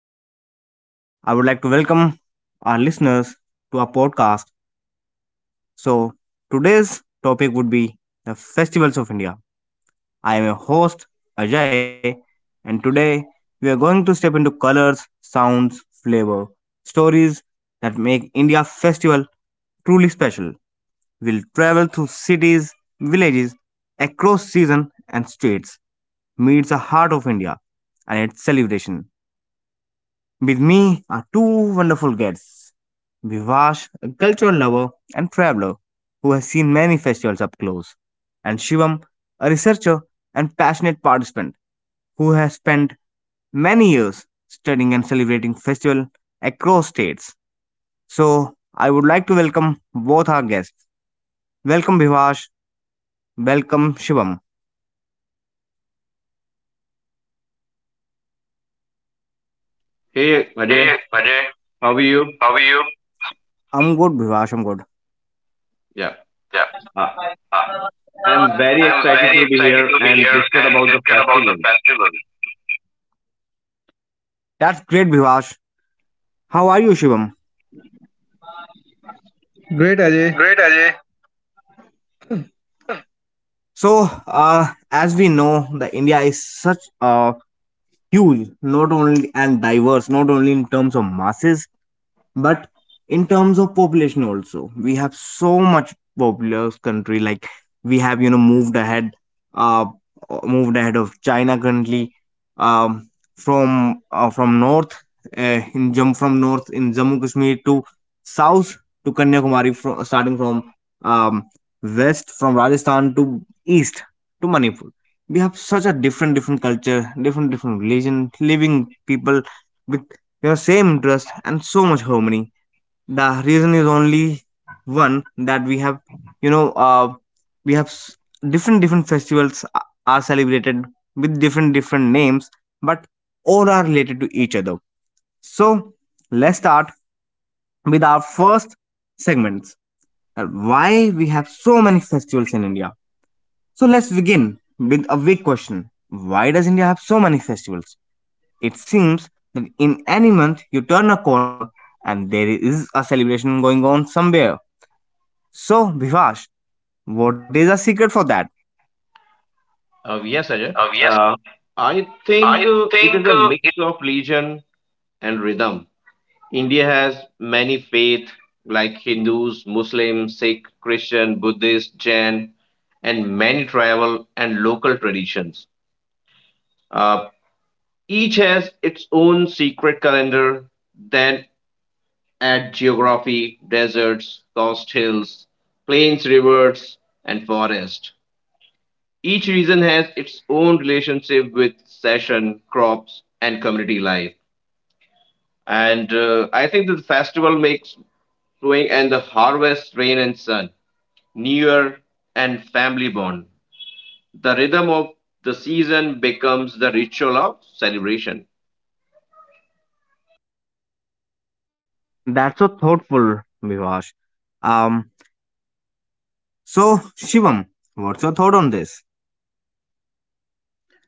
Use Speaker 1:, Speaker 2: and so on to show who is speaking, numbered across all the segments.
Speaker 1: welcome. I would like to welcome our listeners to our podcast. So, Today's topic would be the festivals of India. I am your host Ajay, and today we are going to step into colors, sounds, flavor, stories that make India festival truly special. We'll travel through cities, villages, across season and states, meets the heart of India and its celebration. With me are two wonderful guests Vivash, a cultural lover and traveler who has seen many festivals up close, and Shivam, a researcher and passionate participant who has spent many years studying and celebrating festival across states. So, I would like to welcome both our guests. Welcome Vivash, welcome Shivam.
Speaker 2: Hey Ajay,
Speaker 1: Hey Ajay,
Speaker 2: how are you?
Speaker 1: how are you? I'm good, Vivash, I'm good.
Speaker 2: Yeah.
Speaker 1: Yeah.
Speaker 2: Uh,
Speaker 1: Uh,
Speaker 2: I'm very
Speaker 1: I'm
Speaker 2: excited
Speaker 1: very
Speaker 2: to be
Speaker 1: excited
Speaker 2: here
Speaker 1: to be
Speaker 2: and
Speaker 1: here
Speaker 2: discuss
Speaker 1: and
Speaker 2: about the
Speaker 1: discuss about
Speaker 2: festival.
Speaker 1: the festival. That's great, Bhivash. How are you, Shivam?
Speaker 3: Great, Ajay.
Speaker 1: Great, Ajay. So, as we know, the India is such a huge, not only and diverse, not only in terms of masses, but in terms of population also we have so much populous country like we have you know uh moved ahead of China currently, um from north in jump from north in Jammu Kashmir to south to Kanyakumari from starting from um west from Rajasthan to east to Manipur. We have such a different culture, different religion living people. We your same interest and so much harmony. The reason is only one, that we have you know uh, we have s- different festivals are celebrated with different names but all are related to each other. So let's start with our first segments. uh, why we have so many festivals in India? So let's begin with a big question: why does India have so many festivals? It seems that in any month you turn a corner and there is a celebration going on somewhere. So, Vivash, what is the secret for that?
Speaker 2: Uh, yes, Ajay.
Speaker 1: Yes,
Speaker 2: Uh, I think
Speaker 1: I
Speaker 2: it is
Speaker 1: think
Speaker 2: a mix of religion and rhythm. India has many faith like Hindus, Muslims, Sikh, Christian, Buddhist, Jain, and many tribal and local traditions. Uh, each has its own secret calendar, then at geography, deserts, coast hills, plains, rivers, and forest. Each region has its own relationship with session, crops, and community life. And I think that the festival makes sowing and the harvest, rain and sun, New Year and family bond. The rhythm of the season becomes the ritual of celebration.
Speaker 1: that's so thoughtful, Vivash. Um, so Shivam, what's your thought on this?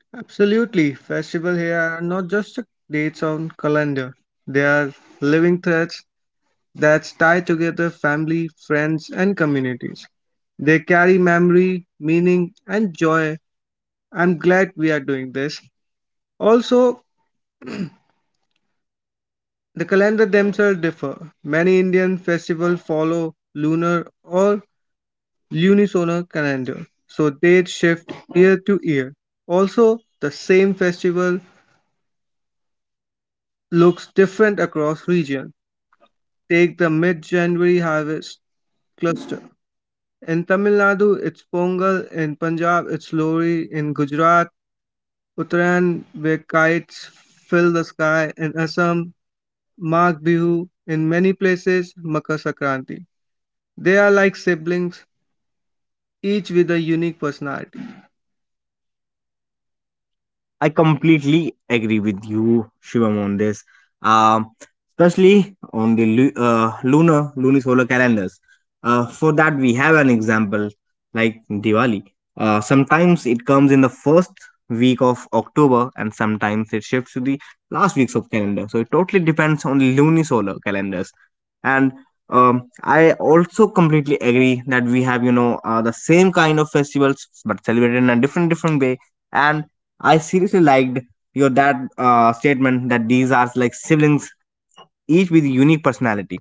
Speaker 3: Absolutely. Festival here are not just dates on calendar. They are living threads that tie together family, friends, and communities. They carry memory, meaning, and joy. I'm glad we are doing this. Also, the calendar themselves differ. Many Indian festivals follow lunar or lunisolar calendar, so dates shift year to year. Also, the same festival looks different across region. Take the mid-January harvest cluster. In Tamil Nadu, it's Pongal. In Punjab, it's Lohri. In Gujarat, Uttarayan, where kites fill the sky. In Assam, Magh Bihu. In many places, Makar Sankranti. They are like siblings, each with a unique personality.
Speaker 1: I completely agree with you, Shivam, on this. Um, especially on the lunisolar calendars. For that, we have an example like Diwali. Sometimes it comes in the first week of October, and sometimes it shifts to the last weeks of calendar. So it totally depends on the lunisolar calendars. And I also completely agree that we have, you know, the same kind of festivals but celebrated in a different way. And I seriously liked your dad statement that these are like siblings, each with unique personality.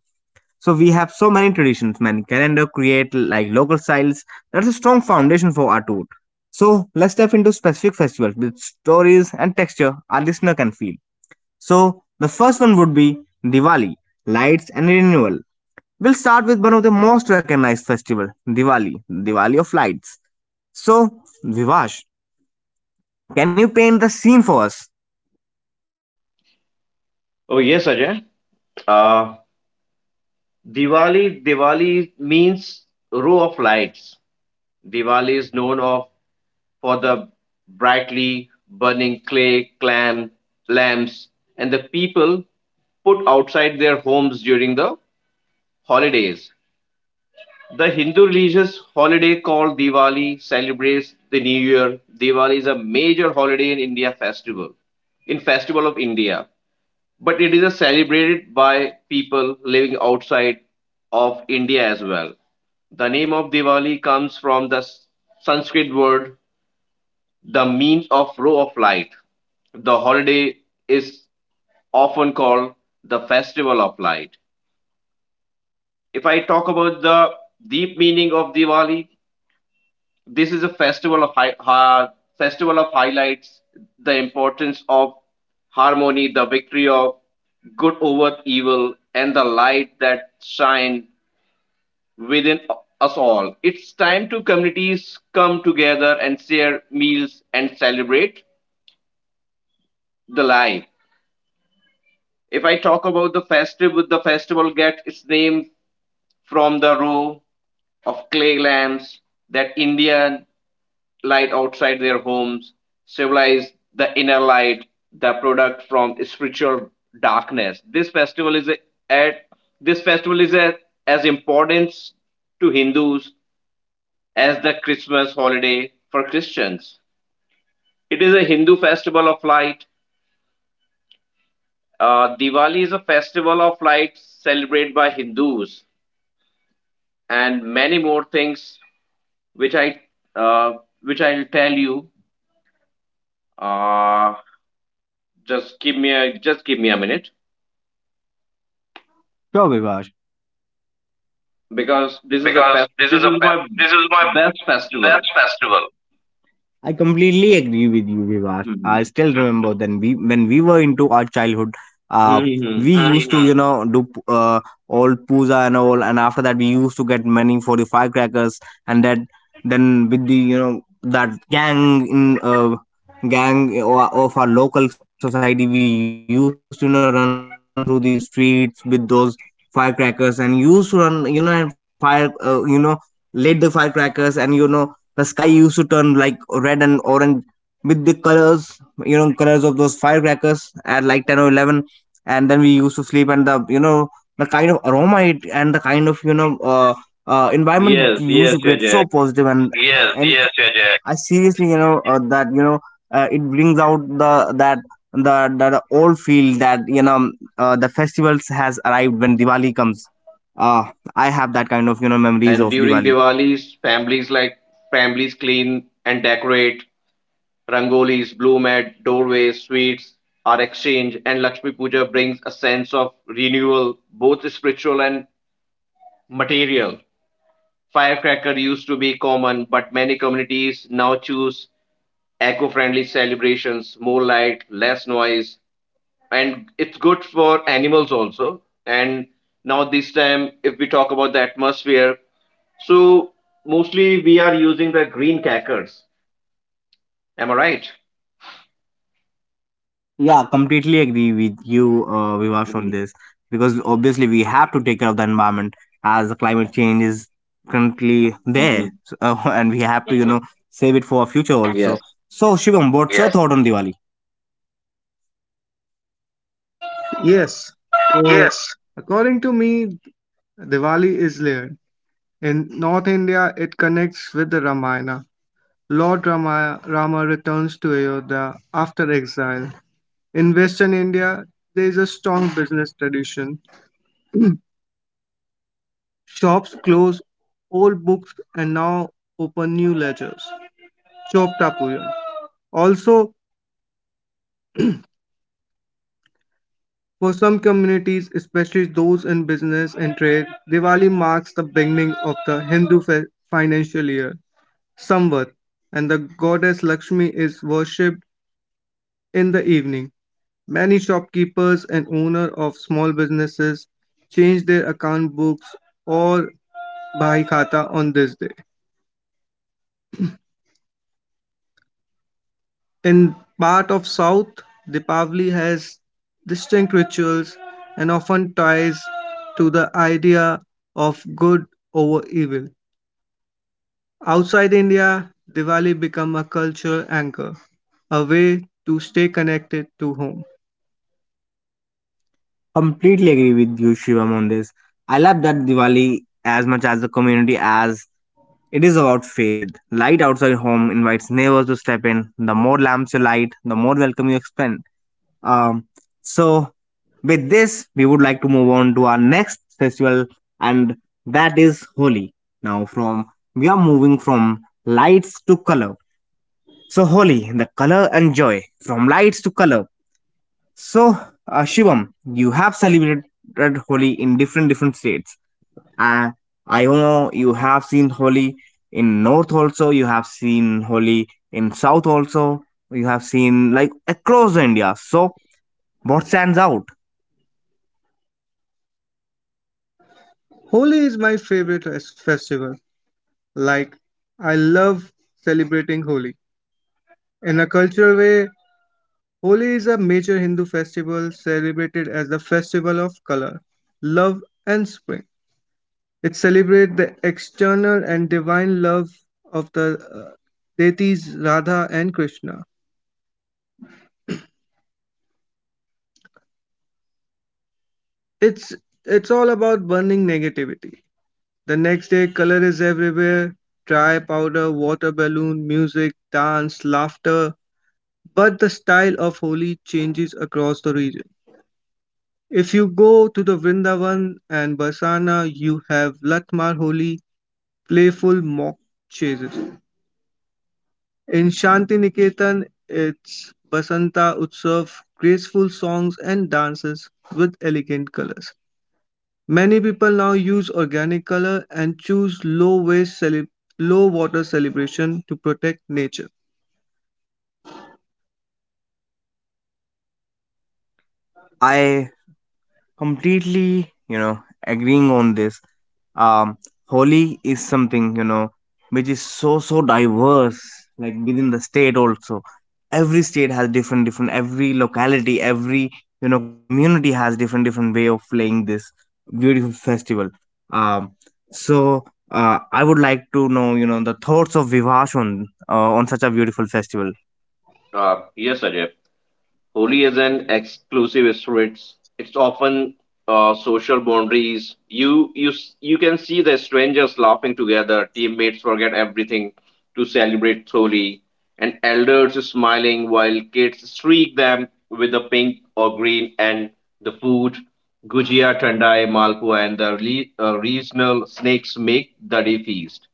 Speaker 1: So we have so many traditions, many calendar create like local styles. That's a strong foundation for our tour. So let's dive into specific festivals with stories and texture our listener can feel. So the first one would be Diwali, lights and renewal. We'll start with one of the most recognized festival, Diwali, Diwali of lights. So Vivash, can you paint the scene for us?
Speaker 2: Oh yes, Ajay. Uh, Diwali means row of lights. Diwali is known of for the brightly burning clay clam lamps and the people put outside their homes during the holidays. The Hindu religious holiday called Diwali celebrates the New Year. Diwali is a major holiday in Festival of India, but it is a celebrated by people living outside of India as well. The name of Diwali comes from the Sanskrit word the means of row of light. The holiday is often called the festival of light. If I talk about the deep meaning of Diwali, this is a festival of highlights the importance of harmony, the victory of good over evil, and the light that shine within us all. It's time to communities come together and share meals and celebrate the life. If I talk about the festival, the festival gets its name from the row of clay lamps that indian light outside their homes, symbolize the inner light, the product from spiritual darkness. At this festival is as important to Hindus as the Christmas holiday for Christians. It is a Hindu festival of light. Diwali is a festival of light celebrated by Hindus, and many more things which I uh, which I'll tell you. Uh, just give me a just give me a minute.
Speaker 1: Sure, Vivash.
Speaker 2: Because this is a
Speaker 1: Because
Speaker 2: fest.
Speaker 1: this
Speaker 2: this
Speaker 1: is a
Speaker 2: is my
Speaker 1: fest- This is my
Speaker 2: best festival.
Speaker 1: best festival. I completely agree with you, Vivash. I
Speaker 2: hmm
Speaker 1: still remember then we when we were into our childhood, uh,
Speaker 2: hmm.
Speaker 1: we used to you know all puja and all, and after that we used to get money for the firecrackers, and that then with the you know that of our local society, we used to you know run through the streets with those firecrackers and used to run you know and fire you know lit the firecrackers and you know the sky used to turn like red and orange with the colors, you know, colors of those firecrackers at like 10 or 11. And then we used to sleep, and the, you know, the kind of aroma it and the kind of, you know, environment it
Speaker 2: Yes,
Speaker 1: used to
Speaker 2: yes,
Speaker 1: create so
Speaker 2: Ajay.
Speaker 1: positive and yes, and yes, yes, yes. I seriously, you know, that you know, it brings out the that old feel that you know the festivals has arrived when Diwali comes. Uh, I have that kind of you know
Speaker 2: And
Speaker 1: memories of
Speaker 2: during
Speaker 1: Diwali.
Speaker 2: Diwali's, families clean and decorate. Rangolis, bloom at doorways, sweets are exchanged, and Lakshmi Puja brings a sense of renewal, both spiritual and material. Firecracker used to be common, but many communities now choose eco-friendly celebrations, more light, less noise, and it's good for animals also. And now this time, if we talk about the atmosphere, so mostly we are using the green crackers, am I right?
Speaker 1: Yeah, completely agree with you, Vivash, on
Speaker 2: hmm
Speaker 1: this because obviously we have to take care of the environment as the climate change is currently
Speaker 2: hmm
Speaker 1: there, so, and we have to, you know, save it for our future
Speaker 2: Yes.
Speaker 1: also. So, Shivam, what's your yes thought on Diwali?
Speaker 3: Yes. So,
Speaker 1: Yes.
Speaker 3: according to me, Diwali is layered. In North India, it connects with the Ramayana. Lord Rama returns to Ayodhya after exile. In Western India, there is a strong business tradition. Shops close old books and now open new ledgers. Chopta Pujan. Also, for some communities, especially those in business and trade, Diwali marks the beginning of the Hindu financial year, Samvat, and the goddess Lakshmi is worshipped in the evening. Many shopkeepers and owners of small businesses change their account books or bhai khata on this day. In part of South, Deepavali has distinct rituals and often ties to the idea of good over evil. Outside India, Diwali become a cultural anchor, a way to stay connected to home.
Speaker 1: Completely agree with you, Shivam, on this. I love that Diwali as much as the community as it is about faith. Light outside home invites neighbors to step in. The more lamps you light, the more welcome you extend. Um, so with this, we would like to move on to our next festival, and that is Holi. Now, from we are moving from lights to color. So Holi, the color and joy, from lights to color. So Shivam, you have celebrated Holi in different states. Uh, I know you have seen Holi in North also. You have seen Holi in South also. You have seen like across India. So what stands out?
Speaker 3: Holi is my favorite festival. Like, I love celebrating Holi. In a cultural way, Holi is a major Hindu festival celebrated as the festival of color, love, and spring. It celebrates the external and divine love of the deities Radha and Krishna. It's it's all about burning negativity. The next day, color is everywhere: dry powder, water balloon, music, dance, laughter. But the style of Holi changes across the region. If you go to the Vrindavan and Barsana, you have Latmar Holi, playful mock chases. In Shanti Niketan, it's Basanta Utsav, graceful songs and dances with elegant colors. Many people now use organic color and choose low water celebration to protect nature.
Speaker 1: I completely, you know, agreeing on this. Um, Holi is something, you know, which is so diverse, like within the state also. Every state has different different every locality, every you know, community has different way of playing this beautiful festival. Um, so I would like to know, you know, the thoughts of Vivash on such a beautiful festival.
Speaker 2: uh, yes, ajay. Holy isn't exclusive; it's often social boundaries. You can see the strangers laughing together, teammates forget everything to celebrate Holi, and elders smiling while kids streak them with the pink or green and the food. Gujia, Tandai, Malpua, and the regional snakes make the day feast.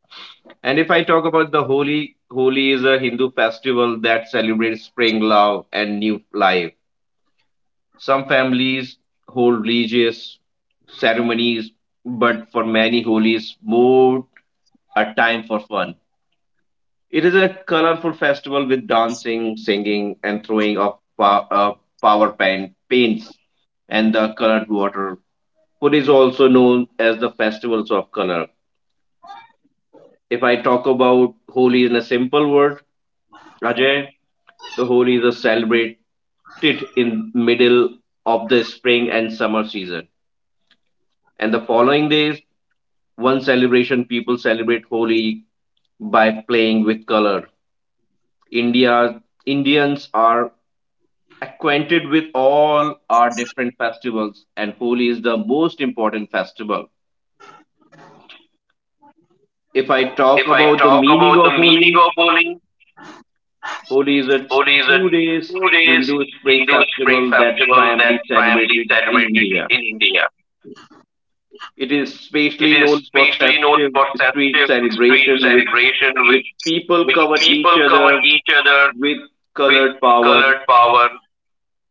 Speaker 2: And if I talk about the Holi, Holi is a Hindu festival that celebrates spring love and new life. Some families hold religious ceremonies, but for many, Holi is more a time for fun. It is a colorful festival with dancing, singing, and throwing of paints and the colored water. Holi is also known as the festivals of color. If I talk about Holi in a simple word, Ajay, the Holi is a celebrated in middle of the spring and summer season. And the following days, one celebration people celebrate Holi by playing with color. India Indians are acquainted with all our different festivals and Holi is the most important festival. If I talk
Speaker 1: If I
Speaker 2: about the
Speaker 1: talk
Speaker 2: meaning
Speaker 1: about the
Speaker 2: of
Speaker 1: meaning
Speaker 2: Holi,
Speaker 1: of Holi,
Speaker 2: Holi is a
Speaker 1: Holi is a
Speaker 2: 2 days
Speaker 1: 2 days
Speaker 2: Hindu spring
Speaker 1: Hindu spring
Speaker 2: festival that
Speaker 1: festival
Speaker 2: primarily
Speaker 1: that primarily
Speaker 2: celebrated in
Speaker 1: celebrated
Speaker 2: India.
Speaker 1: in India.
Speaker 2: It is
Speaker 1: It is
Speaker 2: especially known for
Speaker 1: specially known for
Speaker 2: festive
Speaker 1: festive
Speaker 2: street
Speaker 1: street
Speaker 2: celebration with
Speaker 1: celebration with
Speaker 2: which
Speaker 1: which
Speaker 2: people cover
Speaker 1: people
Speaker 2: each
Speaker 1: cover
Speaker 2: other
Speaker 1: each other
Speaker 2: with
Speaker 1: with
Speaker 2: colored power.
Speaker 1: colored power.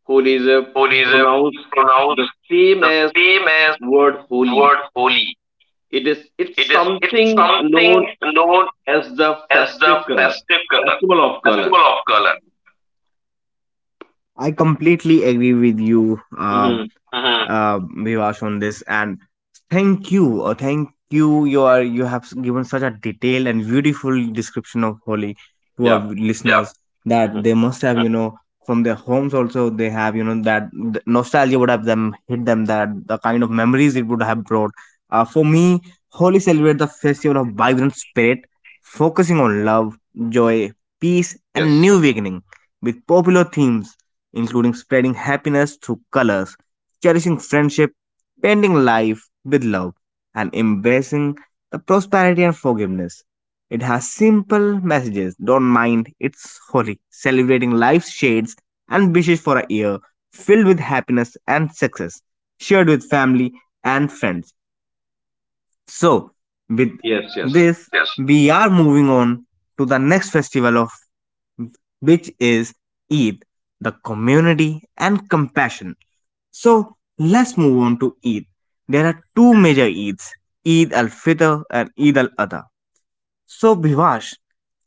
Speaker 2: Holy is a
Speaker 1: Holi is
Speaker 2: pronounced
Speaker 1: pronounced
Speaker 2: the same
Speaker 1: the
Speaker 2: as
Speaker 1: same as
Speaker 2: word holy.
Speaker 1: word holy.
Speaker 2: It is
Speaker 1: It
Speaker 2: it's
Speaker 1: is it's
Speaker 2: something known
Speaker 1: something known
Speaker 2: as the
Speaker 1: as the festive color,
Speaker 2: festival of color.
Speaker 1: festival of color. I completely agree with you,
Speaker 2: Hmm.
Speaker 1: Vivash, on this, and thank you, thank you. You are you have s- given such a detailed and beautiful description of Holi to our
Speaker 2: Yeah.
Speaker 1: yeah listeners that
Speaker 2: Hmm.
Speaker 1: they must have, mhm, you know, from their homes also they have, you know, that the nostalgia would have them hit them, that the kind of memories it would have brought. For me, Holi celebrates the festival of vibrant spirit, focusing on love, joy, peace,
Speaker 2: Yes.
Speaker 1: and
Speaker 2: Yes.
Speaker 1: new beginning with popular themes including spreading happiness through colors, cherishing friendship, painting life with love, and embracing the prosperity and forgiveness. It has simple messages. Don't mind, it's holy, celebrating life's shades and wishes for a year filled with happiness and success, shared with family and friends. So, with
Speaker 2: Yes. Yes.
Speaker 1: this, yes, we are moving on to the next festival of which is Eid, the community and compassion. So let's move on to Eid. There are two major Eids, Eid al Fitr and Eid al Adha. So, Bhivash,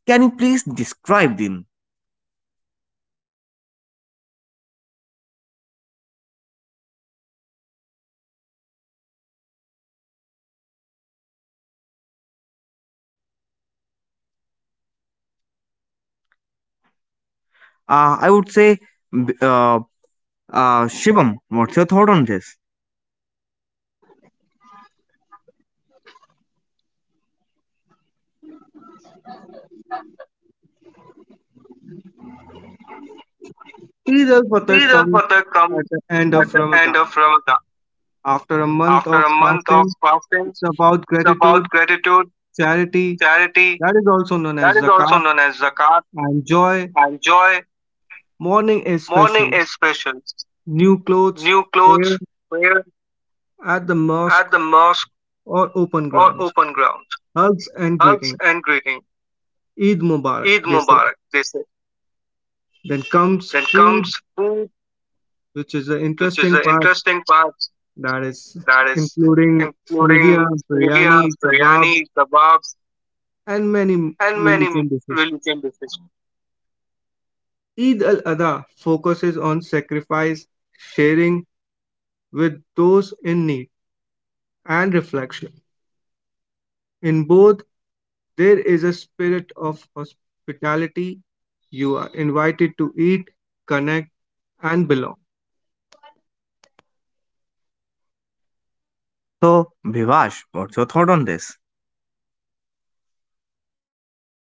Speaker 1: can you please describe them? Uh, I would say, uh, Shivam, what's your thought on this?
Speaker 3: Eid al-Fitr
Speaker 1: Eid
Speaker 3: comes
Speaker 1: al-Fitr
Speaker 3: at
Speaker 1: comes
Speaker 3: the end
Speaker 1: at
Speaker 3: of
Speaker 1: the
Speaker 3: Ramadan.
Speaker 1: end of Ramadan.
Speaker 3: After a month of
Speaker 1: After a month of
Speaker 3: fasting,
Speaker 1: fasting,
Speaker 3: it's about
Speaker 1: it's
Speaker 3: gratitude,
Speaker 1: about gratitude,
Speaker 3: charity,
Speaker 1: charity,
Speaker 3: that is also
Speaker 1: that
Speaker 3: known
Speaker 1: is
Speaker 3: as
Speaker 1: also
Speaker 3: zakat,
Speaker 1: known as zakat,
Speaker 3: and joy.
Speaker 1: and joy.
Speaker 3: Morning is
Speaker 1: Morning
Speaker 3: special.
Speaker 1: is special.
Speaker 3: New clothes,
Speaker 1: New
Speaker 3: prayer
Speaker 1: clothes, prayer
Speaker 3: at the mosque,
Speaker 1: at the mosque
Speaker 3: or open
Speaker 1: or
Speaker 3: grounds,
Speaker 1: open ground,
Speaker 3: hugs and
Speaker 1: hugs
Speaker 3: greeting,
Speaker 1: and greeting.
Speaker 3: Eid Mubarak,
Speaker 1: Eid
Speaker 3: they say.
Speaker 1: Mubarak, they say.
Speaker 3: Then comes
Speaker 1: Then
Speaker 3: food,
Speaker 1: comes food,
Speaker 3: which is the
Speaker 1: which is
Speaker 3: interesting
Speaker 1: the
Speaker 3: part,
Speaker 1: interesting part,
Speaker 3: that is
Speaker 1: that is
Speaker 3: including
Speaker 1: including
Speaker 3: Savia,
Speaker 1: lugia,
Speaker 3: biryani, kebabs,
Speaker 1: biryani, kebabs,
Speaker 3: and many
Speaker 1: and many
Speaker 3: religion dishes.
Speaker 1: religion dishes.
Speaker 3: Eid al Adha focuses on sacrifice, sharing with those in need, and reflection. In both, there is a spirit of hospitality. You are invited to eat, connect, and belong.
Speaker 1: So, Vivash, what's your thought on this?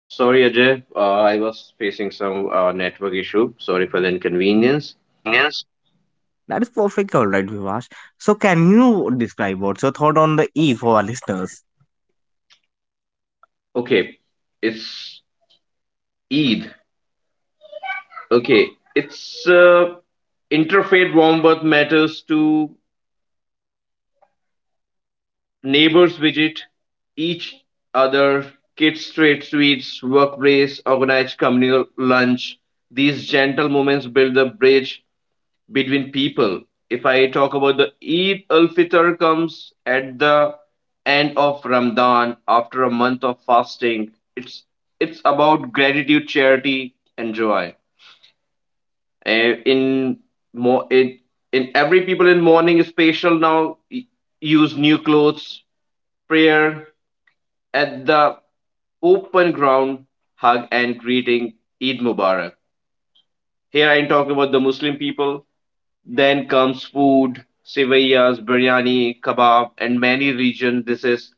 Speaker 2: Sorry, Ajay. I was facing some network issue. Sorry for the
Speaker 1: Well,
Speaker 2: inconvenience.
Speaker 1: inconvenience. That is perfect, all right, Vivash. So, can you describe what's your thought on the Eid for our listeners?
Speaker 2: Okay, it's Eid. Okay, it's interfaith warm birth matters to neighbors visit each other, kids trade sweets, workplace, organized communal lunch. These gentle moments build the bridge between people. If I talk about the Eid al Fitr comes at the end of Ramadan after a month of fasting. It's it's about gratitude, charity, and joy. Eh, In more in in every people in mourning special now y- use new clothes, prayer at the open ground, hug and greeting Eid Mubarak. Here I am talking about the Muslim people. Then comes food, sevaiyas, biryani, kebab, and many region dishes.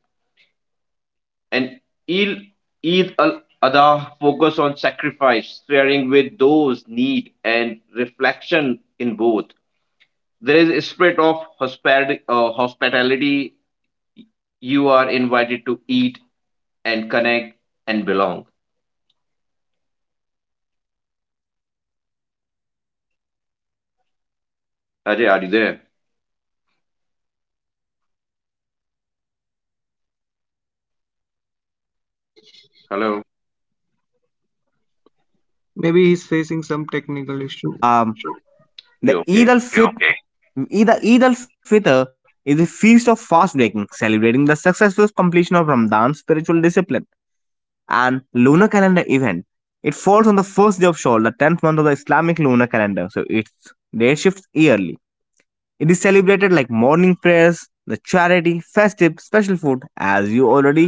Speaker 2: And Eid Eid al Adha focus on sacrifice, sharing with those need, and reflection in both. There is a spirit of hospitality. You are invited to eat and connect and belong.
Speaker 1: Ah, thank you, Vivash, for this. Um,
Speaker 2: Ajay, are you
Speaker 1: If are
Speaker 2: there?
Speaker 1: they I already there? Yeah yeah, if I have to tell you, Vivash, uh, as for me, the Eid, it is
Speaker 2: Hello.
Speaker 1: especially about hello? The yeah yeah, Vivash,
Speaker 3: Maybe he's
Speaker 1: we
Speaker 3: facing
Speaker 1: can hear
Speaker 3: some
Speaker 1: you, Vivash.
Speaker 3: technical issue.
Speaker 1: Um, the
Speaker 2: You okay?
Speaker 1: Eid al you Fitr okay? Eid al Fitr is a feast of fast breaking, celebrating the successful completion of Ramadan's spiritual discipline and lunar calendar event. It falls on the first day of Shawwal, the 10th month of the Islamic lunar calendar, so its date shifts yearly. It is celebrated like morning prayers, the charity, festive, special food, as you already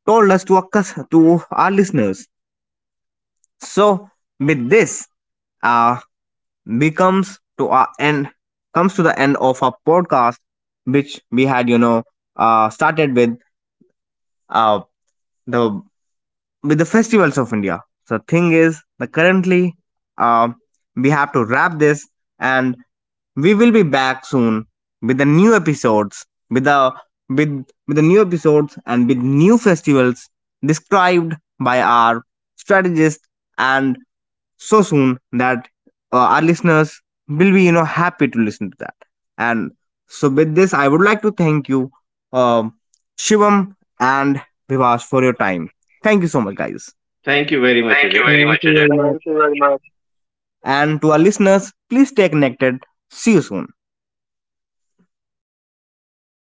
Speaker 1: told us to our listeners. So, with this, uh, becomes to our end, comes to the end of our podcast, which we had, you know, started with uh, the with the festivals of India. So, thing is, the currently, uh, we have to wrap this and we will be back soon with the new episodes with the with the new episodes and with new festivals described by our strategist and so soon that our listeners will be you know happy to listen to that. And so with this I would like to thank you, um, Shivam and Vivash, for your time. Thank you so much guys.
Speaker 2: Thank you very much,
Speaker 1: Thank you
Speaker 2: Ajay.
Speaker 1: very
Speaker 3: Thank
Speaker 1: much,
Speaker 3: you
Speaker 1: Ajay.
Speaker 3: very much.
Speaker 1: Thank you very much. And to our listeners, please stay connected. See you soon.